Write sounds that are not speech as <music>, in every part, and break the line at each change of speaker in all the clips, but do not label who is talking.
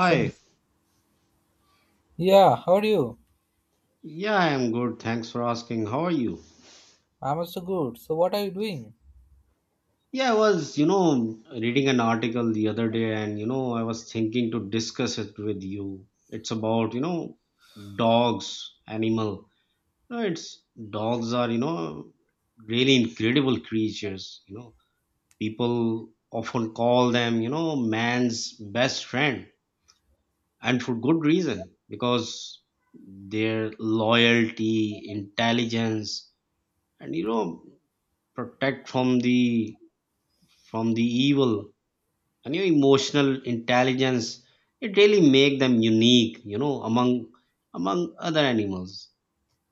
So- Yeah, how are you?
Yeah, I am good. Thanks for asking. How are you?
I'm also good. So, what are you doing?
Yeah, I was reading an article the other day and I was thinking to discuss it with you. It's about dogs, animal. No, it's dogs are, really incredible creatures. People often call them, man's best friend, and for good reason because their loyalty, intelligence, and protect from the evil, and your emotional intelligence, it really make them unique, among other animals.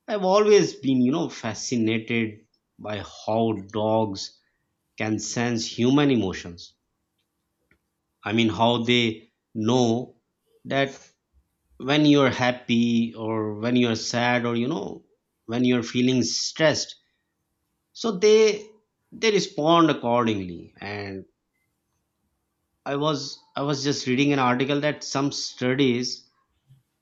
I've always been fascinated by how dogs can sense human emotions. I mean, how they know that when you're happy, or when you're sad, or when you're feeling stressed, so they respond accordingly. And I was just reading an article that some studies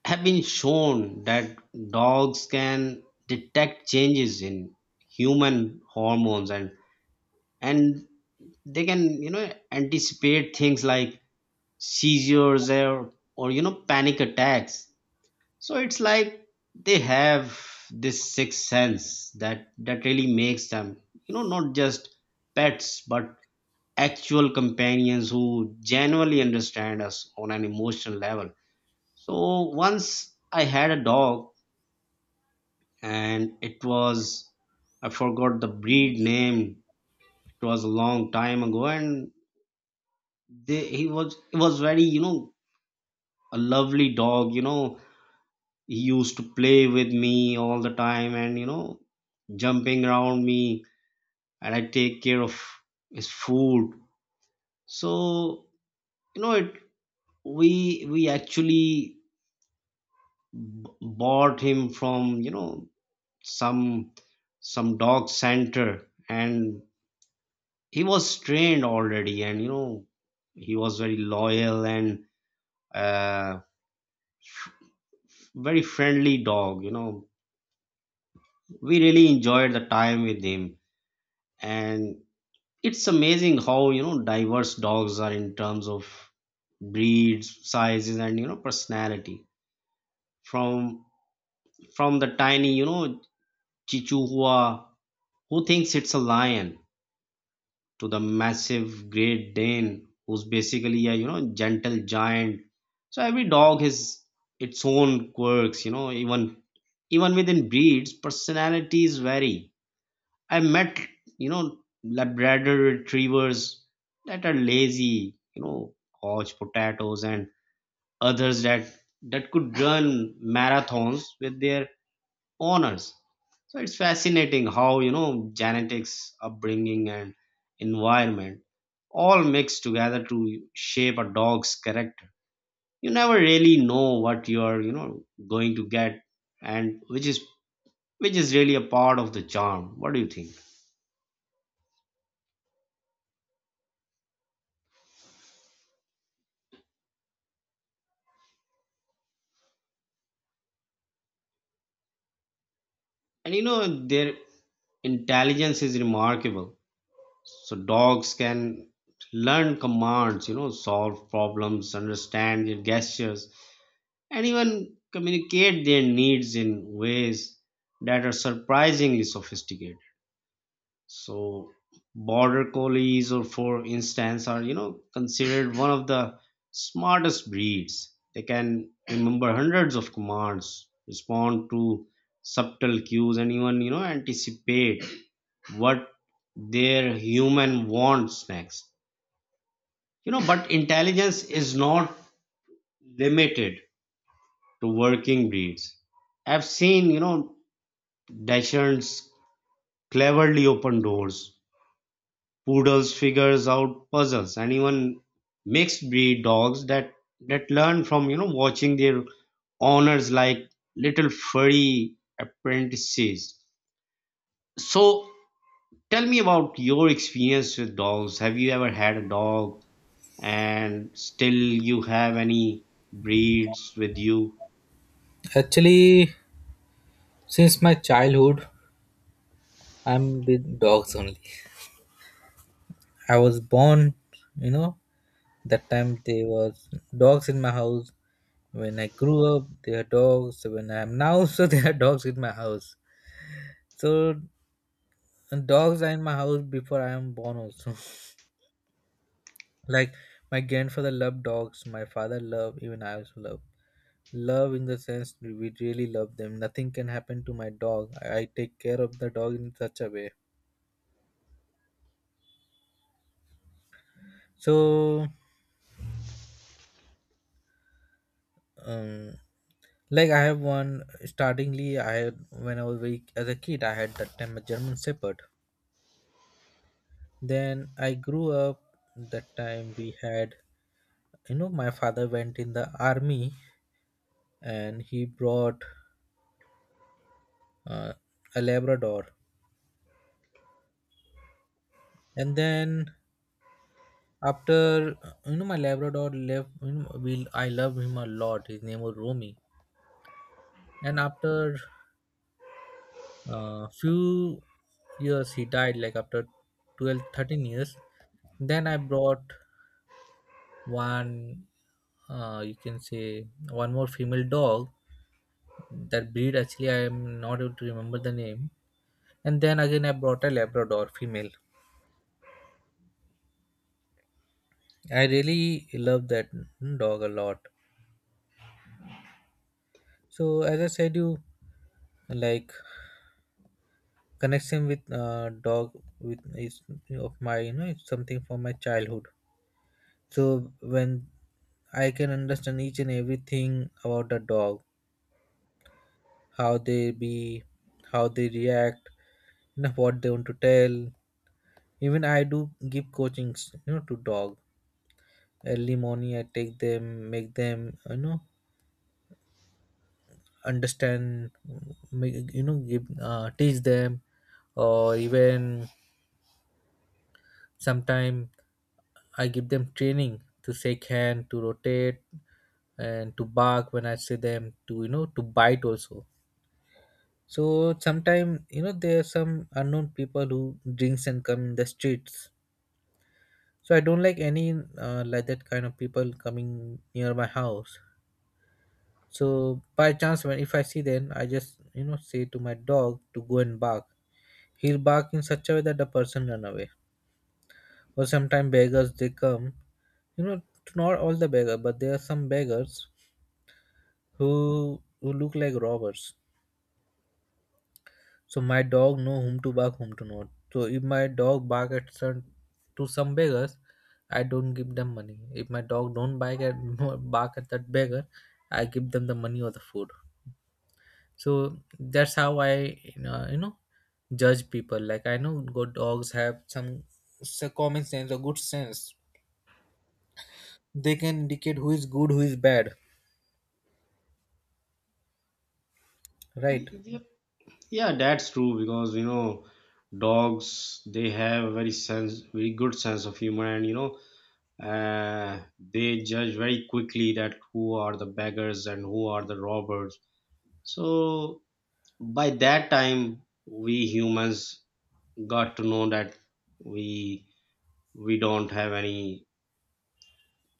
have been shown that dogs can detect changes in human hormones, and they can anticipate things like seizures, or panic attacks. So it's like they have this sixth sense that really makes them, not just pets but actual companions who genuinely understand us on an emotional level. So once I had a dog, and it was I forgot the breed name. It was a long time ago, and they, he was it was very, a lovely dog. He used to play with me all the time, and jumping around me, and I take care of his food. So, you know, it we actually b- bought him from some some dog center, and he was trained already, and he was very loyal, and uh, f- very friendly dog. We really enjoyed the time with him. And it's amazing how diverse dogs are in terms of breeds, sizes, and personality, from from the tiny, chihuahua who thinks it's a lion, to the massive Great Dane, who's basically a, gentle giant. So every dog has its own quirks. Even within breeds, personalities vary. I met, you know Labrador retrievers that are lazy, couch potatoes, and others that could run marathons with their owners. So it's fascinating how genetics, upbringing, and environment all mix together to shape a dog's character. You never really know what you're going to get, and which is really a part of the charm. What do you think? And, their intelligence is remarkable. So dogs can learn commands, solve problems, understand their gestures, and even communicate their needs in ways that are surprisingly sophisticated. So, border collies, or for instance, are considered one of the smartest breeds. They can remember hundreds of commands, respond to subtle cues, and even anticipate what their human wants next. But intelligence is not limited to working breeds. I've seen, Dachshunds cleverly open doors, poodles figures out puzzles, and even mixed breed dogs that learn from, watching their owners like little furry apprentices. So tell me about your experience with dogs. Have you ever had a dog, and still you have any breeds with you?
Actually, since my childhood, I'm with dogs only. I was born, you know, that time there was dogs in my house. When I grew up, there are dogs. When I am now, <laughs> so there are dogs in my house. So dogs are in my house before I am born also. Like my grandfather loved dogs, my father loved, even I also love. Love in the sense we really love them. Nothing can happen to my dog. I take care of the dog in such a way. So, um, like I have one. Startingly, I had when I was very as a kid, I had that time a German Shepherd. Then I grew up. That time we had, you know, my father went in the army and he brought uh, a Labrador. And then after, you know, my Labrador left, you know, we I love him a lot. His name was Romy, and after few years he died. Like after 12, 13 years, then I brought one. You can say one more female dog. That breed actually I am not able to remember the name. And then again I brought a Labrador female. I really love that dog a lot. So as I said, you, like, connection with dog with is of my, you know, it's something from my childhood. So when I can understand each and everything about the dog, how they be, how they react, you know what they want to tell. Even I do give coachings, you know, to dog. Early morning I take them, make them, you know, understand, make, you know, give teach them, or even sometime I give them training to shake hand, to rotate, and to bark when I see them, to, you know, to bite also. So sometimes, you know, there are some unknown people who drinks and come in the streets. So I don't like any like that kind of people coming near my house. So by chance, when if I see them, I just, you know, say to my dog to go and bark. He'll bark in such a way that the person run away. Or sometimes beggars they come, you know, not all the beggar but there are some beggars who look like robbers. So my dog know whom to bark, whom to not. So if my dog bark at some to some beggars, I don't give them money. If my dog don't bark at <laughs> bark at that beggar, I give them the money or the food. So that's how I, you know, you know, judge people. Like I know good dogs have some common sense or good sense. They can indicate who is good, who is bad. Right?
Yeah, that's true because dogs, they have a very good sense of humor, and uh, they judge very quickly that who are the beggars and who are the robbers. So by that time, we humans got to know that we we don't have any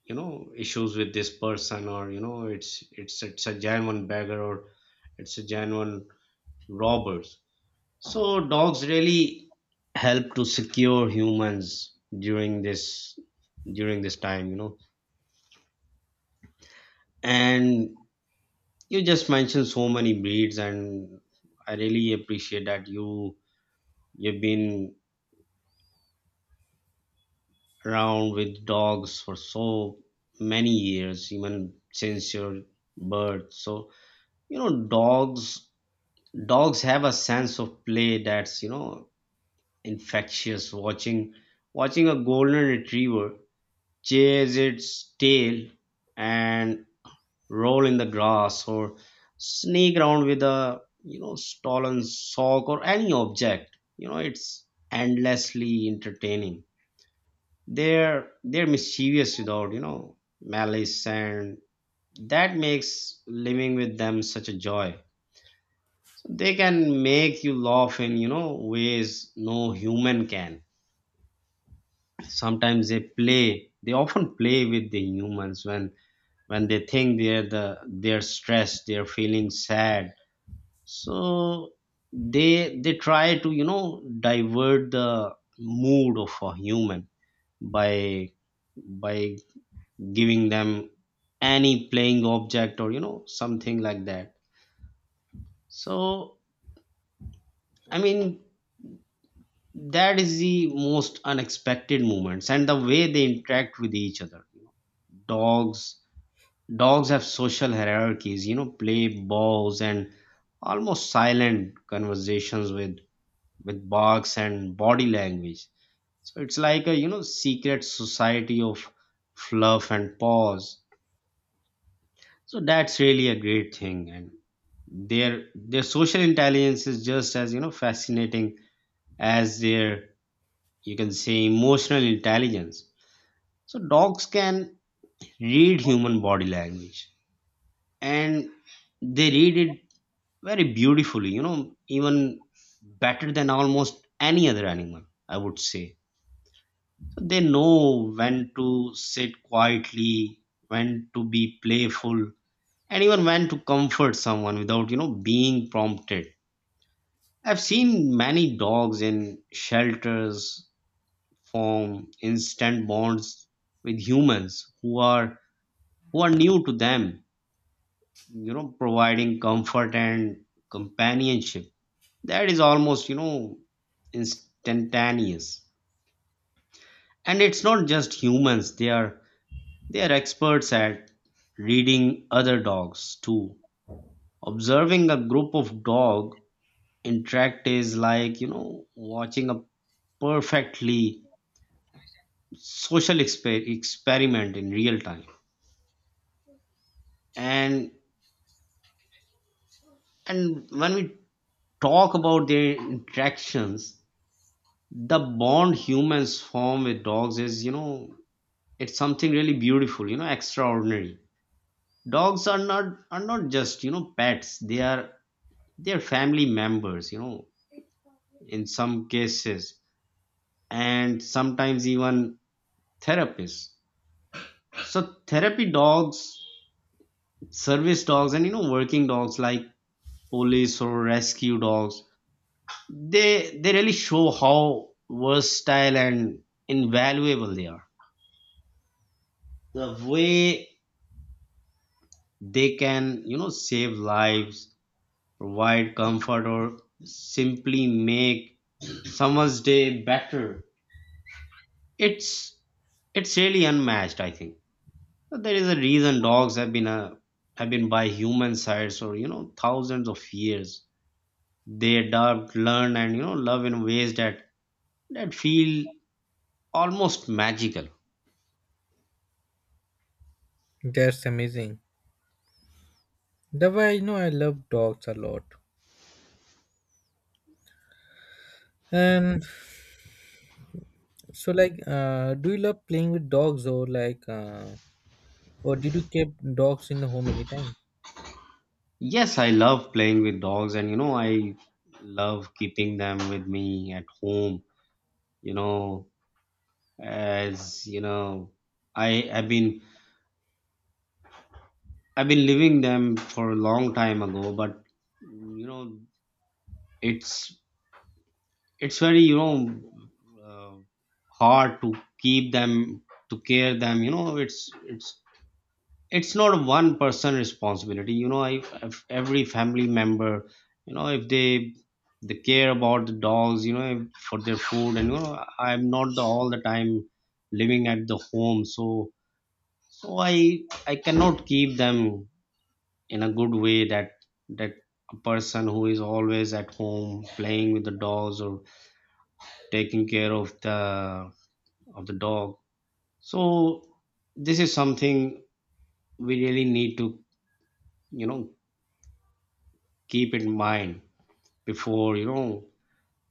issues with this person, or it's a genuine beggar, or it's a genuine robber. So dogs really help to secure humans during this time. And you just mentioned so many breeds, and I really appreciate that you've been around with dogs for so many years, even since your birth. So, you know, dogs dogs have a sense of play that's, infectious. Watching a golden retriever chase its tail and roll in the grass, or sneak around with a, stolen sock or any object, it's endlessly entertaining. They're mischievous without, malice, and that makes living with them such a joy. So they can make you laugh in, ways no human can. Sometimes they often play with the humans when they think they're stressed, they're feeling sad. So they try to, divert the mood of a human by by giving them any playing object, or, something like that. So, I mean, that is the most unexpected moments, and the way they interact with each other, dogs Dogs have social hierarchies, play balls, and almost silent conversations with barks and body language. So it's like a, secret society of fluff and paws. So that's really a great thing, and their social intelligence is just as, fascinating as their, you can say, emotional intelligence. So dogs can read human body language, and they read it very beautifully, even better than almost any other animal, I would say. So they know when to sit quietly, when to be playful, and even when to comfort someone without, being prompted. I've seen many dogs in shelters form instant bonds with humans who are new to them, providing comfort and companionship that is almost, instantaneous. And it's not just humans, they are experts at reading other dogs too. Observing a group of dog interact is like, watching a perfectly social experiment in real time. And and when we talk about their interactions, the bond humans form with dogs is, it's something really beautiful, extraordinary. Dogs are not just, pets. They are family members, in some cases, and sometimes even therapists. So therapy dogs, service dogs, and, working dogs like police or rescue dogs, they really show how versatile and invaluable they are. The way they can, save lives, provide comfort, or simply make someone's day better, it's it's really unmatched, I think. But there is a reason dogs have been by human sites for, thousands of years. They adapt, learn, and, love in ways that feel almost magical.
That's amazing. That why, you know, I love dogs a lot. And so like, do you love playing with dogs or like, or did you keep dogs in the home anytime?
Yes, I love playing with dogs, and, I love keeping them with me at home. You know as you know, i have been I've been living them for a long time ago, but mm, you know, it's it's very, uh, hard to keep them to care them. It's not one person responsibility. If every family member, if they care about the dogs, for their food, and, I'm not all the time living at the home. So so I I cannot keep them in a good way that that a person who is always at home playing with the dogs, or taking care of the dog. So this is something we really need to, you know keep in mind before, you know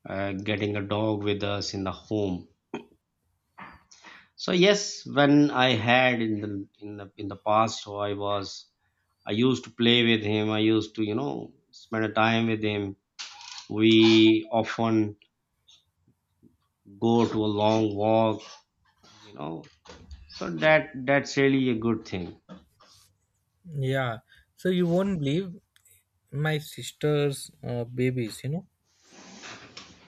uh, getting a dog with us in the home. So yes, when I had in the in the past, I used to play with him. I used to, spend a time with him. We often go to a long walk, you know so that's really a good thing.
Yeah. So you won't believe my sister's babies. You know,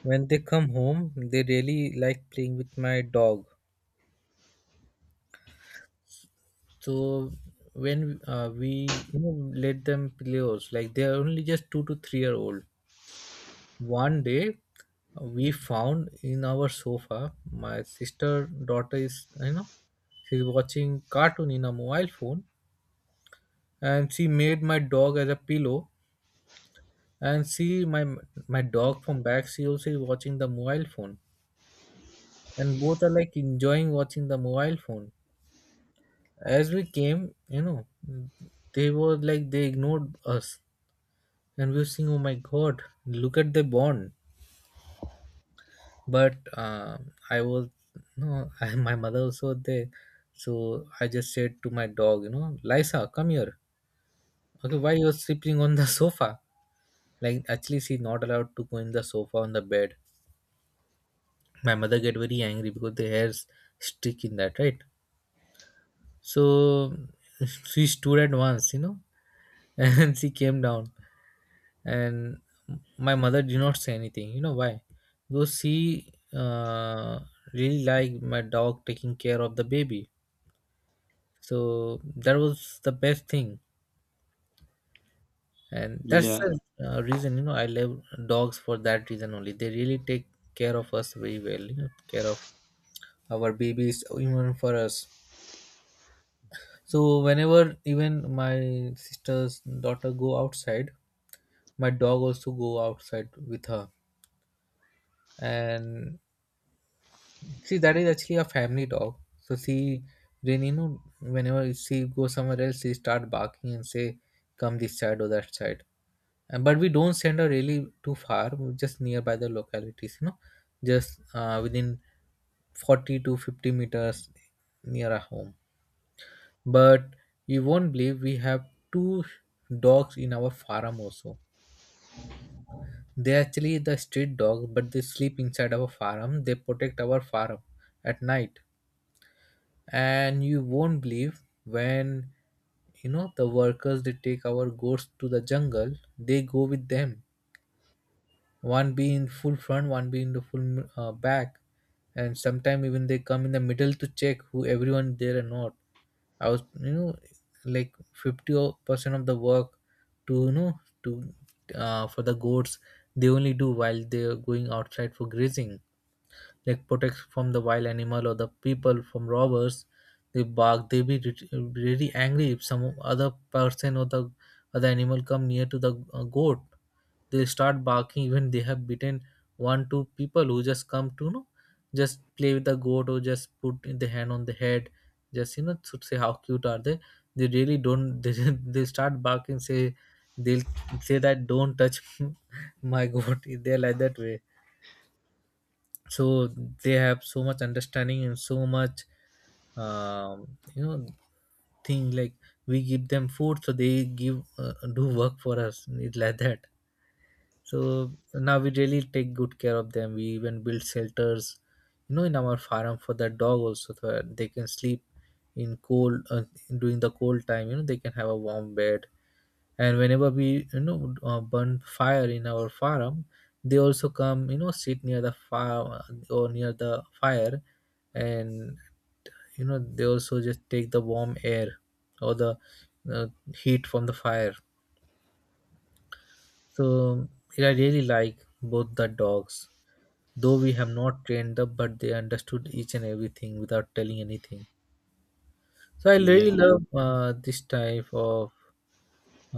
when they come home, they really like playing with my dog. So when we, you know, let them play also, like they are only just 2 to 3 year old. One day, we found in our sofa my sister daughter is, you know, she's watching cartoon in a mobile phone, and she made my dog as a pillow, and she my dog from back she also is watching the mobile phone, and both are like enjoying watching the mobile phone. As we came, you know, they were like they ignored us, and we were saying, oh my god, look at the bond. But I was no. <laughs> My mother also was there, so I just said to my dog, you know, Lisa, come here. Okay, why you're sleeping on the <laughs> sofa? Like actually she's not allowed to go in the sofa on the bed. My mother get very angry because the hairs stick in that, right? So she stood at once, you know, <laughs> and she came down, and my mother did not say anything. You know why? Because she really like my dog taking care of the baby. So that was the best thing. And that's the
Yeah,
reason, you know, I love dogs. For that reason only they really take care of us very well, you know, care of our babies even for us. So whenever even my sister's daughter go outside, my dog also go outside with her. And see that is actually a family dog, so she then, you know, whenever she go somewhere else she start barking and say, come this side or that side. But we don't send her really too far, we're just nearby the localities, you know, just within 40 to 50 meters near our home. But you won't believe we have two dogs in our farm also. They actually the street dogs but they sleep inside our farm, they protect our farm at night. And you won't believe when, you know, the workers they take our goats to the jungle, they go with them, one be in full front, one be in the full back. And sometimes even they come in the middle to check who everyone there or not. I was, you know, like 50% of the work to, you know, to for the goats they only do while they are going outside for grazing. Like protects from the wild animal or the people from robbers. They bark, they be really angry if some other person or the other animal come near to the goat, they start barking. Even they have beaten one two people who just come to, you know, just play with the goat or just put the hand on the head, just, you know, should say how cute are they. They really don't <laughs> they start barking, say they'll say that don't touch <laughs> my goat. They're like that way. So they have so much understanding and so much you know, thing. Like we give them food so they give do work for us. It's like that. So now we really take good care of them, we even build shelters, you know, in our farm for the dog also so that they can sleep in cold during the cold time, you know, they can have a warm bed. And whenever we, you know, burn fire in our farm, they also come, you know, sit near the fire, or near the fire. And, you know, they also just take the warm air or the uh, heat from the fire. So I really like both the dogs, though we have not trained them but they understood each and everything without telling anything. So I really
yeah,
love this type of,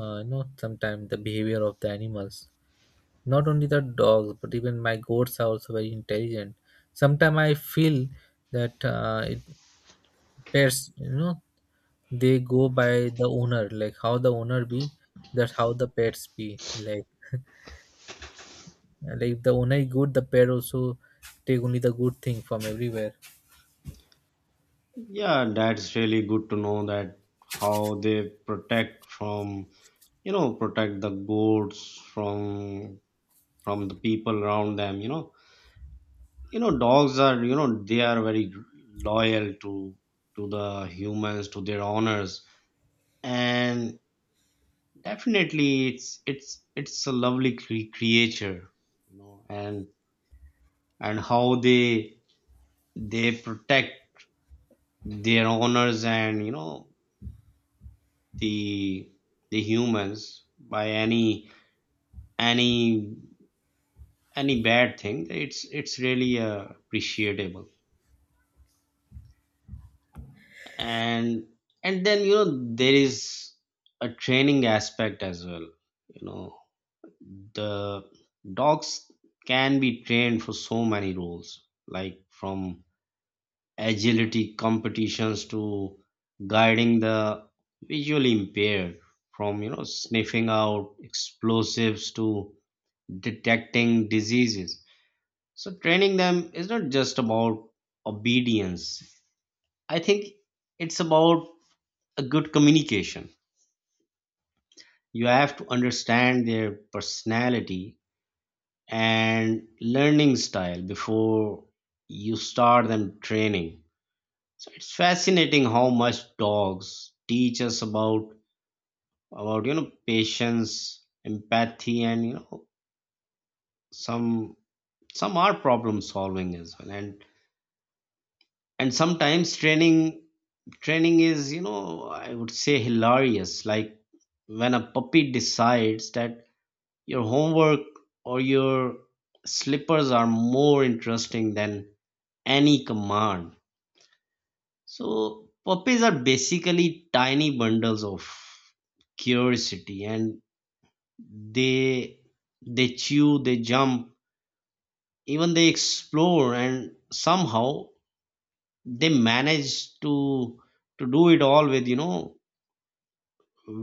you know, sometimes the behavior of the animals. Not only the dogs, but even my goats are also very intelligent. Sometimes I feel that it pets, you know, they go by the owner, like how the owner be, that's how the pets be. Like if the owner is good, the pet also take only the good thing from everywhere.
yeah, that's really good to know that how they protect from protect the goats from the people around them, Dogs are, they are very loyal to the humans, to their owners. And, definitely, it's a lovely creature, and how they protect their owners, and, the the humans, by any any bad thing. It's really, appreciable. And, then, there is a training aspect as well. You know the dogs can be trained for so many roles, like from agility competitions to guiding the visually impaired, from, sniffing out explosives to detecting diseases. So training them is not just about obedience, I think. It's about a good communication. You have to understand their personality and learning style before you start them training. So it's fascinating how much dogs teach us about, patience, empathy, and, some some are problem solving as well. And sometimes training is, I would say, hilarious. Like when a puppy decides that your homework or your slippers are more interesting than any command. So puppies are basically tiny bundles of curiosity, and they they chew, they jump, even they explore, and somehow they manage to do it all with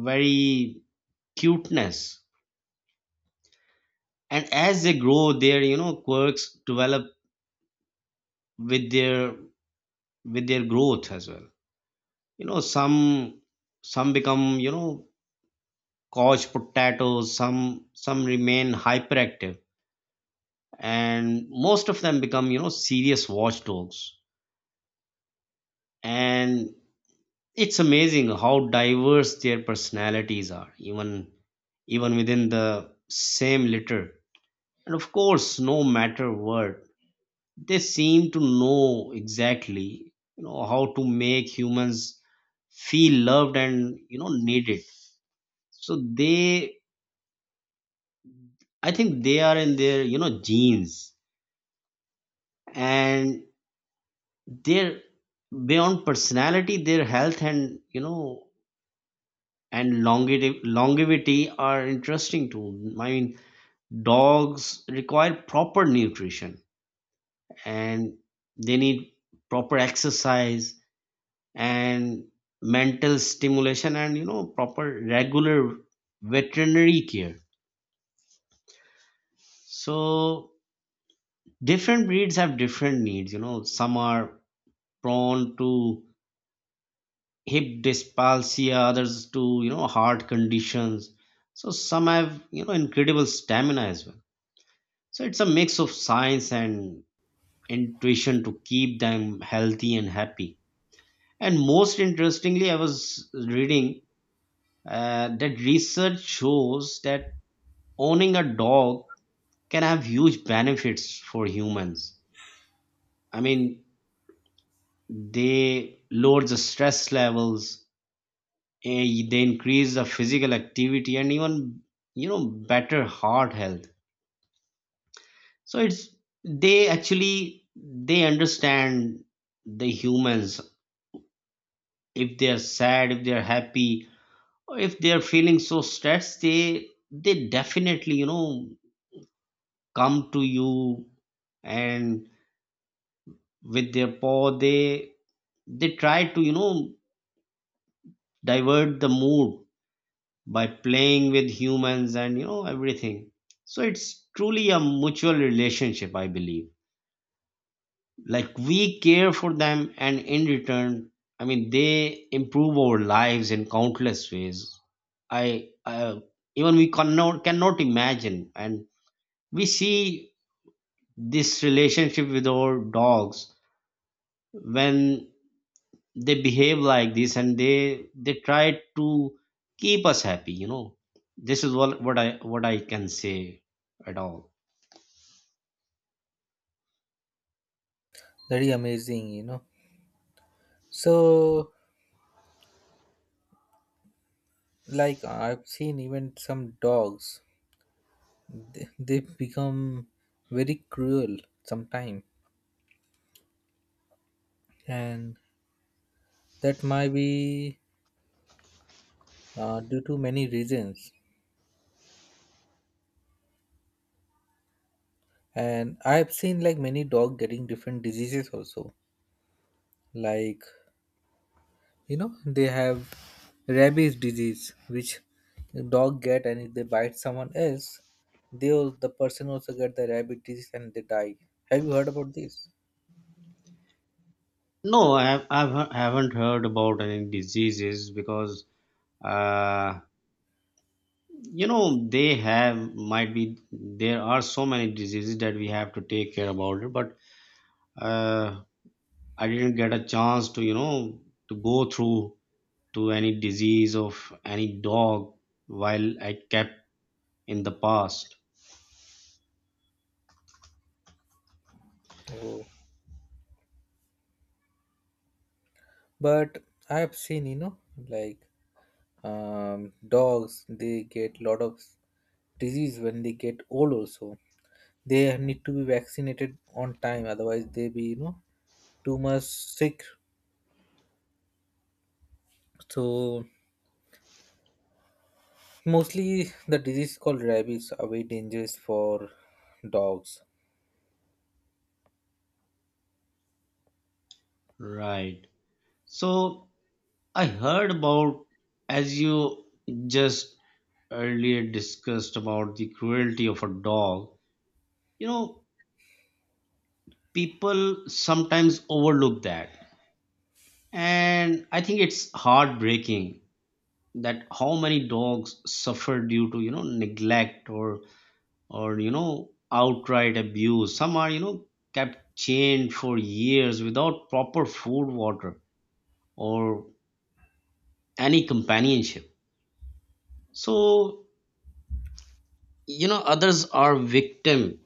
very cuteness. And as they grow, their quirks develop with their with their growth as well. You know some some become, you know, couch potatoes, some remain hyperactive, and most of them become, you know, serious watchdogs. And it's amazing how diverse their personalities are, even within the same litter. And of course, no matter what, they seem to know exactly, you know, how to make humans feel loved and, you know, needed. So they, I think, they are in their, you know, genes. And their— beyond personality, their health and, you know, and longevity, longevity, are interesting too. I mean, dogs require proper nutrition and they need proper exercise and mental stimulation and, you know, proper regular veterinary care. So different breeds have different needs. You know, some are prone to hip dysplasia, others to, you know, heart conditions. So some have, you know, incredible stamina as well. So it's a mix of science and intuition to keep them healthy and happy. And most interestingly, I was reading that research shows that owning a dog can have huge benefits for humans. I mean, they lower the stress levels, they increase the physical activity, and even, you know, better heart health. So it's— they actually, they understand the humans. If they are sad, if they are happy, or if they are feeling so stressed, they definitely, you know, come to you. And with their paw, they try to, you know, divert the mood by playing with humans and, you know, everything. So it's truly a mutual relationship, I believe. Like, we care for them, and in return, I mean, they improve our lives in countless ways I even— we cannot imagine. And we see this relationship with our dogs when they behave like this, and they try to keep us happy, you know. This is what I can say at all.
Very amazing, you know. So, like I've seen even some dogs, they become very cruel sometime, and that might be due to many reasons. And I've seen like many dog getting different diseases also. Like, you know, they have rabies disease which the dog get, and if they bite someone else, they the person also get the rabies disease and they die. Have you heard about this?
No, I haven't heard about any diseases because uh you know, they have— might be there are so many diseases that we have to take care about it. But uh I didn't get a chance to, you know, to go through to any disease of any dog while I kept in the past.
Oh. But I've seen, you know, like dogs they get lot of disease when they get old also, they need to be vaccinated on time otherwise they be, you know, too much sick. So mostly the disease called rabies are very dangerous for dogs.
Right. So I heard about, as you just earlier discussed, about the cruelty of a dog, you know, people sometimes overlook that. And I think it's heartbreaking that how many dogs suffer due to, you know, neglect you know, outright abuse. Some are, you know, kept chained for years without proper food, water, or any companionship. So, you know, others are victim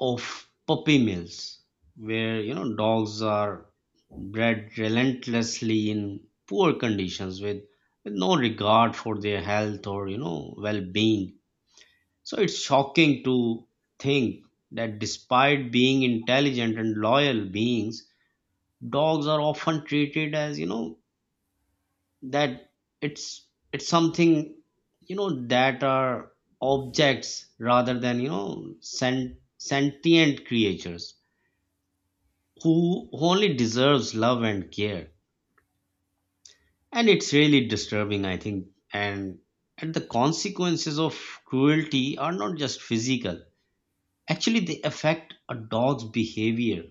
of puppy mills, where, you know, dogs are bred relentlessly in poor conditions with no regard for their health or, you know, well-being. So it's shocking to think that, despite being intelligent and loyal beings, dogs are often treated as, you know, that— it's something, you know, that are objects rather than, you know, sentient creatures, who only deserves love and care. And it's really disturbing, I think. And the consequences of cruelty are not just physical. Actually, they affect a dog's behavior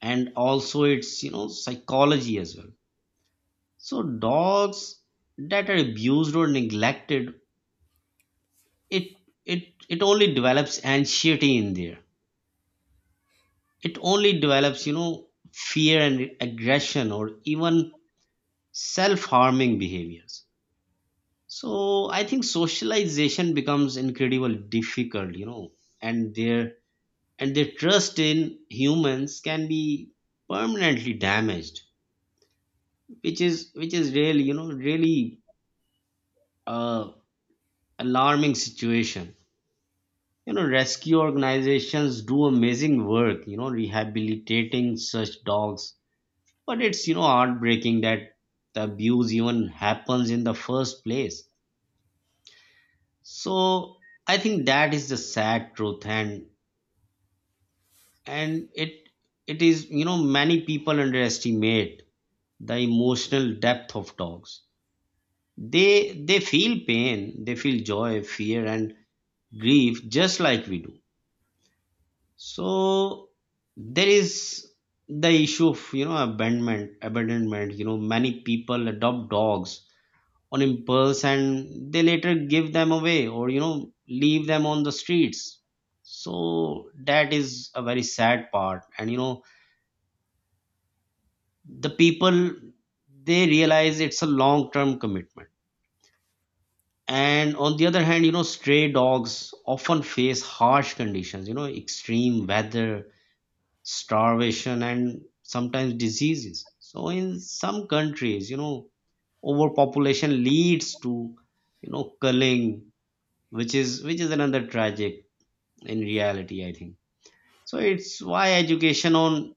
and also its, you know, psychology as well. So dogs that are abused or neglected, it it it only develops anxiety in there. It only develops, you know, fear and aggression, or even self-harming behaviors. So I think socialization becomes incredibly difficult, you know. And their— and their trust in humans can be permanently damaged, which is really, you know, really uh, alarming situation. You know, rescue organizations do amazing work, you know, rehabilitating such dogs. But it's, you know, heartbreaking that the abuse even happens in the first place. So I think that is the sad truth. And and it it is, you know, many people underestimate the emotional depth of dogs. They feel pain, they feel joy, fear, and grief, just like we do. So there is the issue of, you know, abandonment. You know, many people adopt dogs on impulse and they later give them away, or, you know, leave them on the streets. So that is a very sad part. And, you know, the people— they realize it's a long term commitment. And on the other hand, you know, stray dogs often face harsh conditions, you know, extreme weather, starvation, and sometimes diseases. So in some countries, you know, overpopulation leads to, you know, culling, which is— another tragic in reality, I think. So it's why education on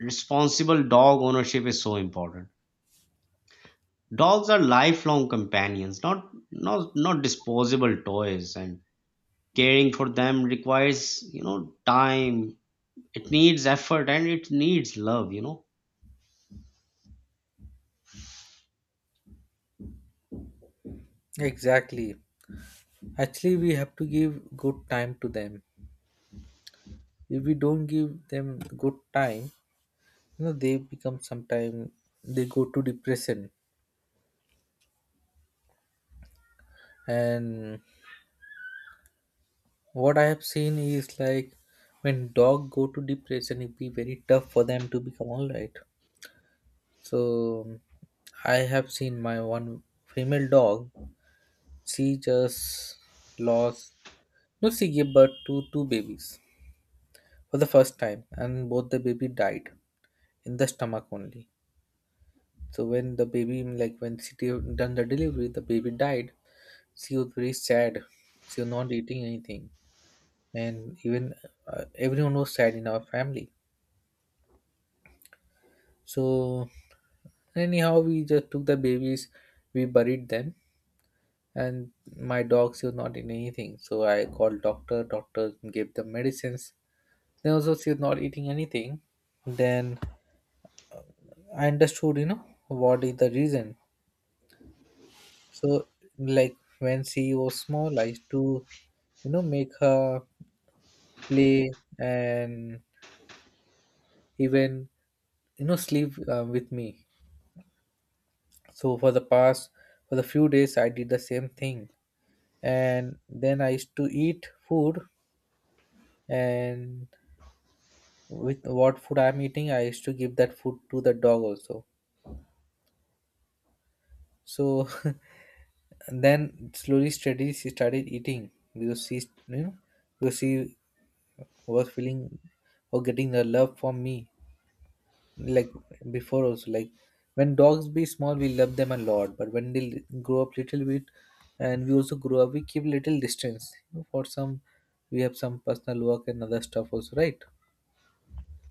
responsible dog ownership is so important. Dogs are lifelong companions, not disposable toys. And caring for them requires, you know, time. It needs effort, and it needs love, you know.
Exactly. Actually, we have to give good time to them. If we don't give them good time, you know, they become sometime they go to depression. And what I have seen is like when dog go to depression, it be very tough for them to become all right. So I have seen my one female dog. She just lost. No, she gave birth to two babies for the first time, and both the baby died in the stomach only. So when the baby, like when she done the delivery, the baby died. She was very sad. She was not eating anything, and even everyone was sad in our family. So anyhow, we just took the babies, we buried them, and my dog she was not in anything. So I called doctor. Doctor gave the medicines, then also she was not eating anything. Then I understood, you know, what is the reason. So like when she was small I used to, you know, make her play and even, you know, sleep with me. So for the past for the few days I did the same thing. And then I used to eat food, and with what food I'm eating I used to give that food to the dog also. So <laughs> and then slowly steady she started eating because she, you know, because she was feeling or getting the love from me. Like before also like when dogs be small we love them a lot but when they grow up little bit and we also grow up we keep little distance, you know, for some we have some personal work and other stuff also, right?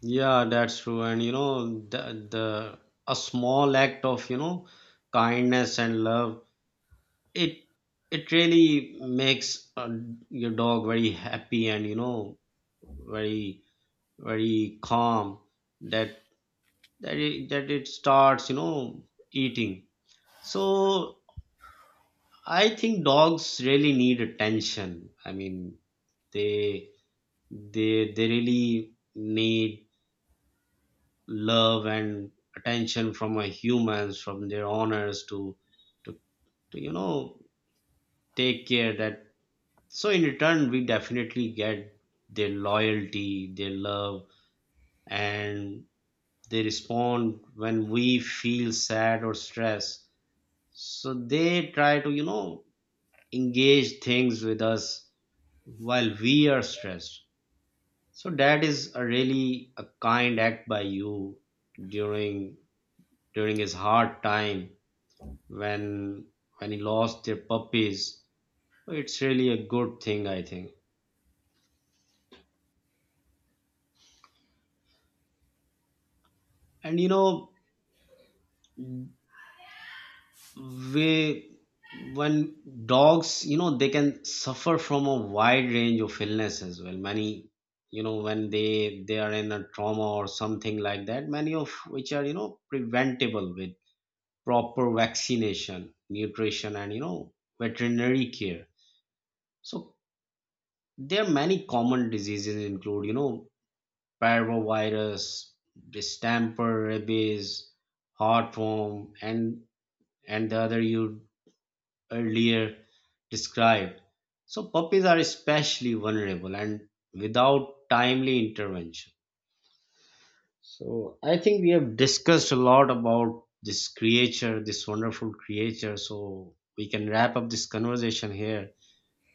Yeah, that's true. And you know, the a small act of, you know, kindness and love, it really makes your dog very happy, and you know, very calm. That that it, that it starts, you know, eating. So I think dogs really need attention. I mean, they they really need love and attention from our humans, from their owners, to to you know, take care. That So in return, we definitely get their loyalty, their love. And they respond when we feel sad or stressed. So they try to, you know, engage things with us while we are stressed. So that is a really a kind act by you during his hard time, when he lost their puppies. It's really a good thing, I think. And you know, we— when dogs, you know, they can suffer from a wide range of illness as well, many— you know, when they are in a trauma or something like that, many of which are, you know, preventable with proper vaccination, nutrition, and, you know, veterinary care. So there are many common diseases include, you know, parvovirus, the stamper rabies, heartworm, and the other you earlier described. So puppies are especially vulnerable and without timely intervention. So I think we have discussed a lot about this creature, this wonderful creature. So we can wrap up this conversation here.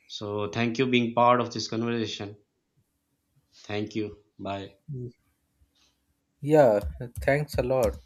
So thank you being part of this conversation. Thank you. Bye.
Mm. Yeah, thanks a lot.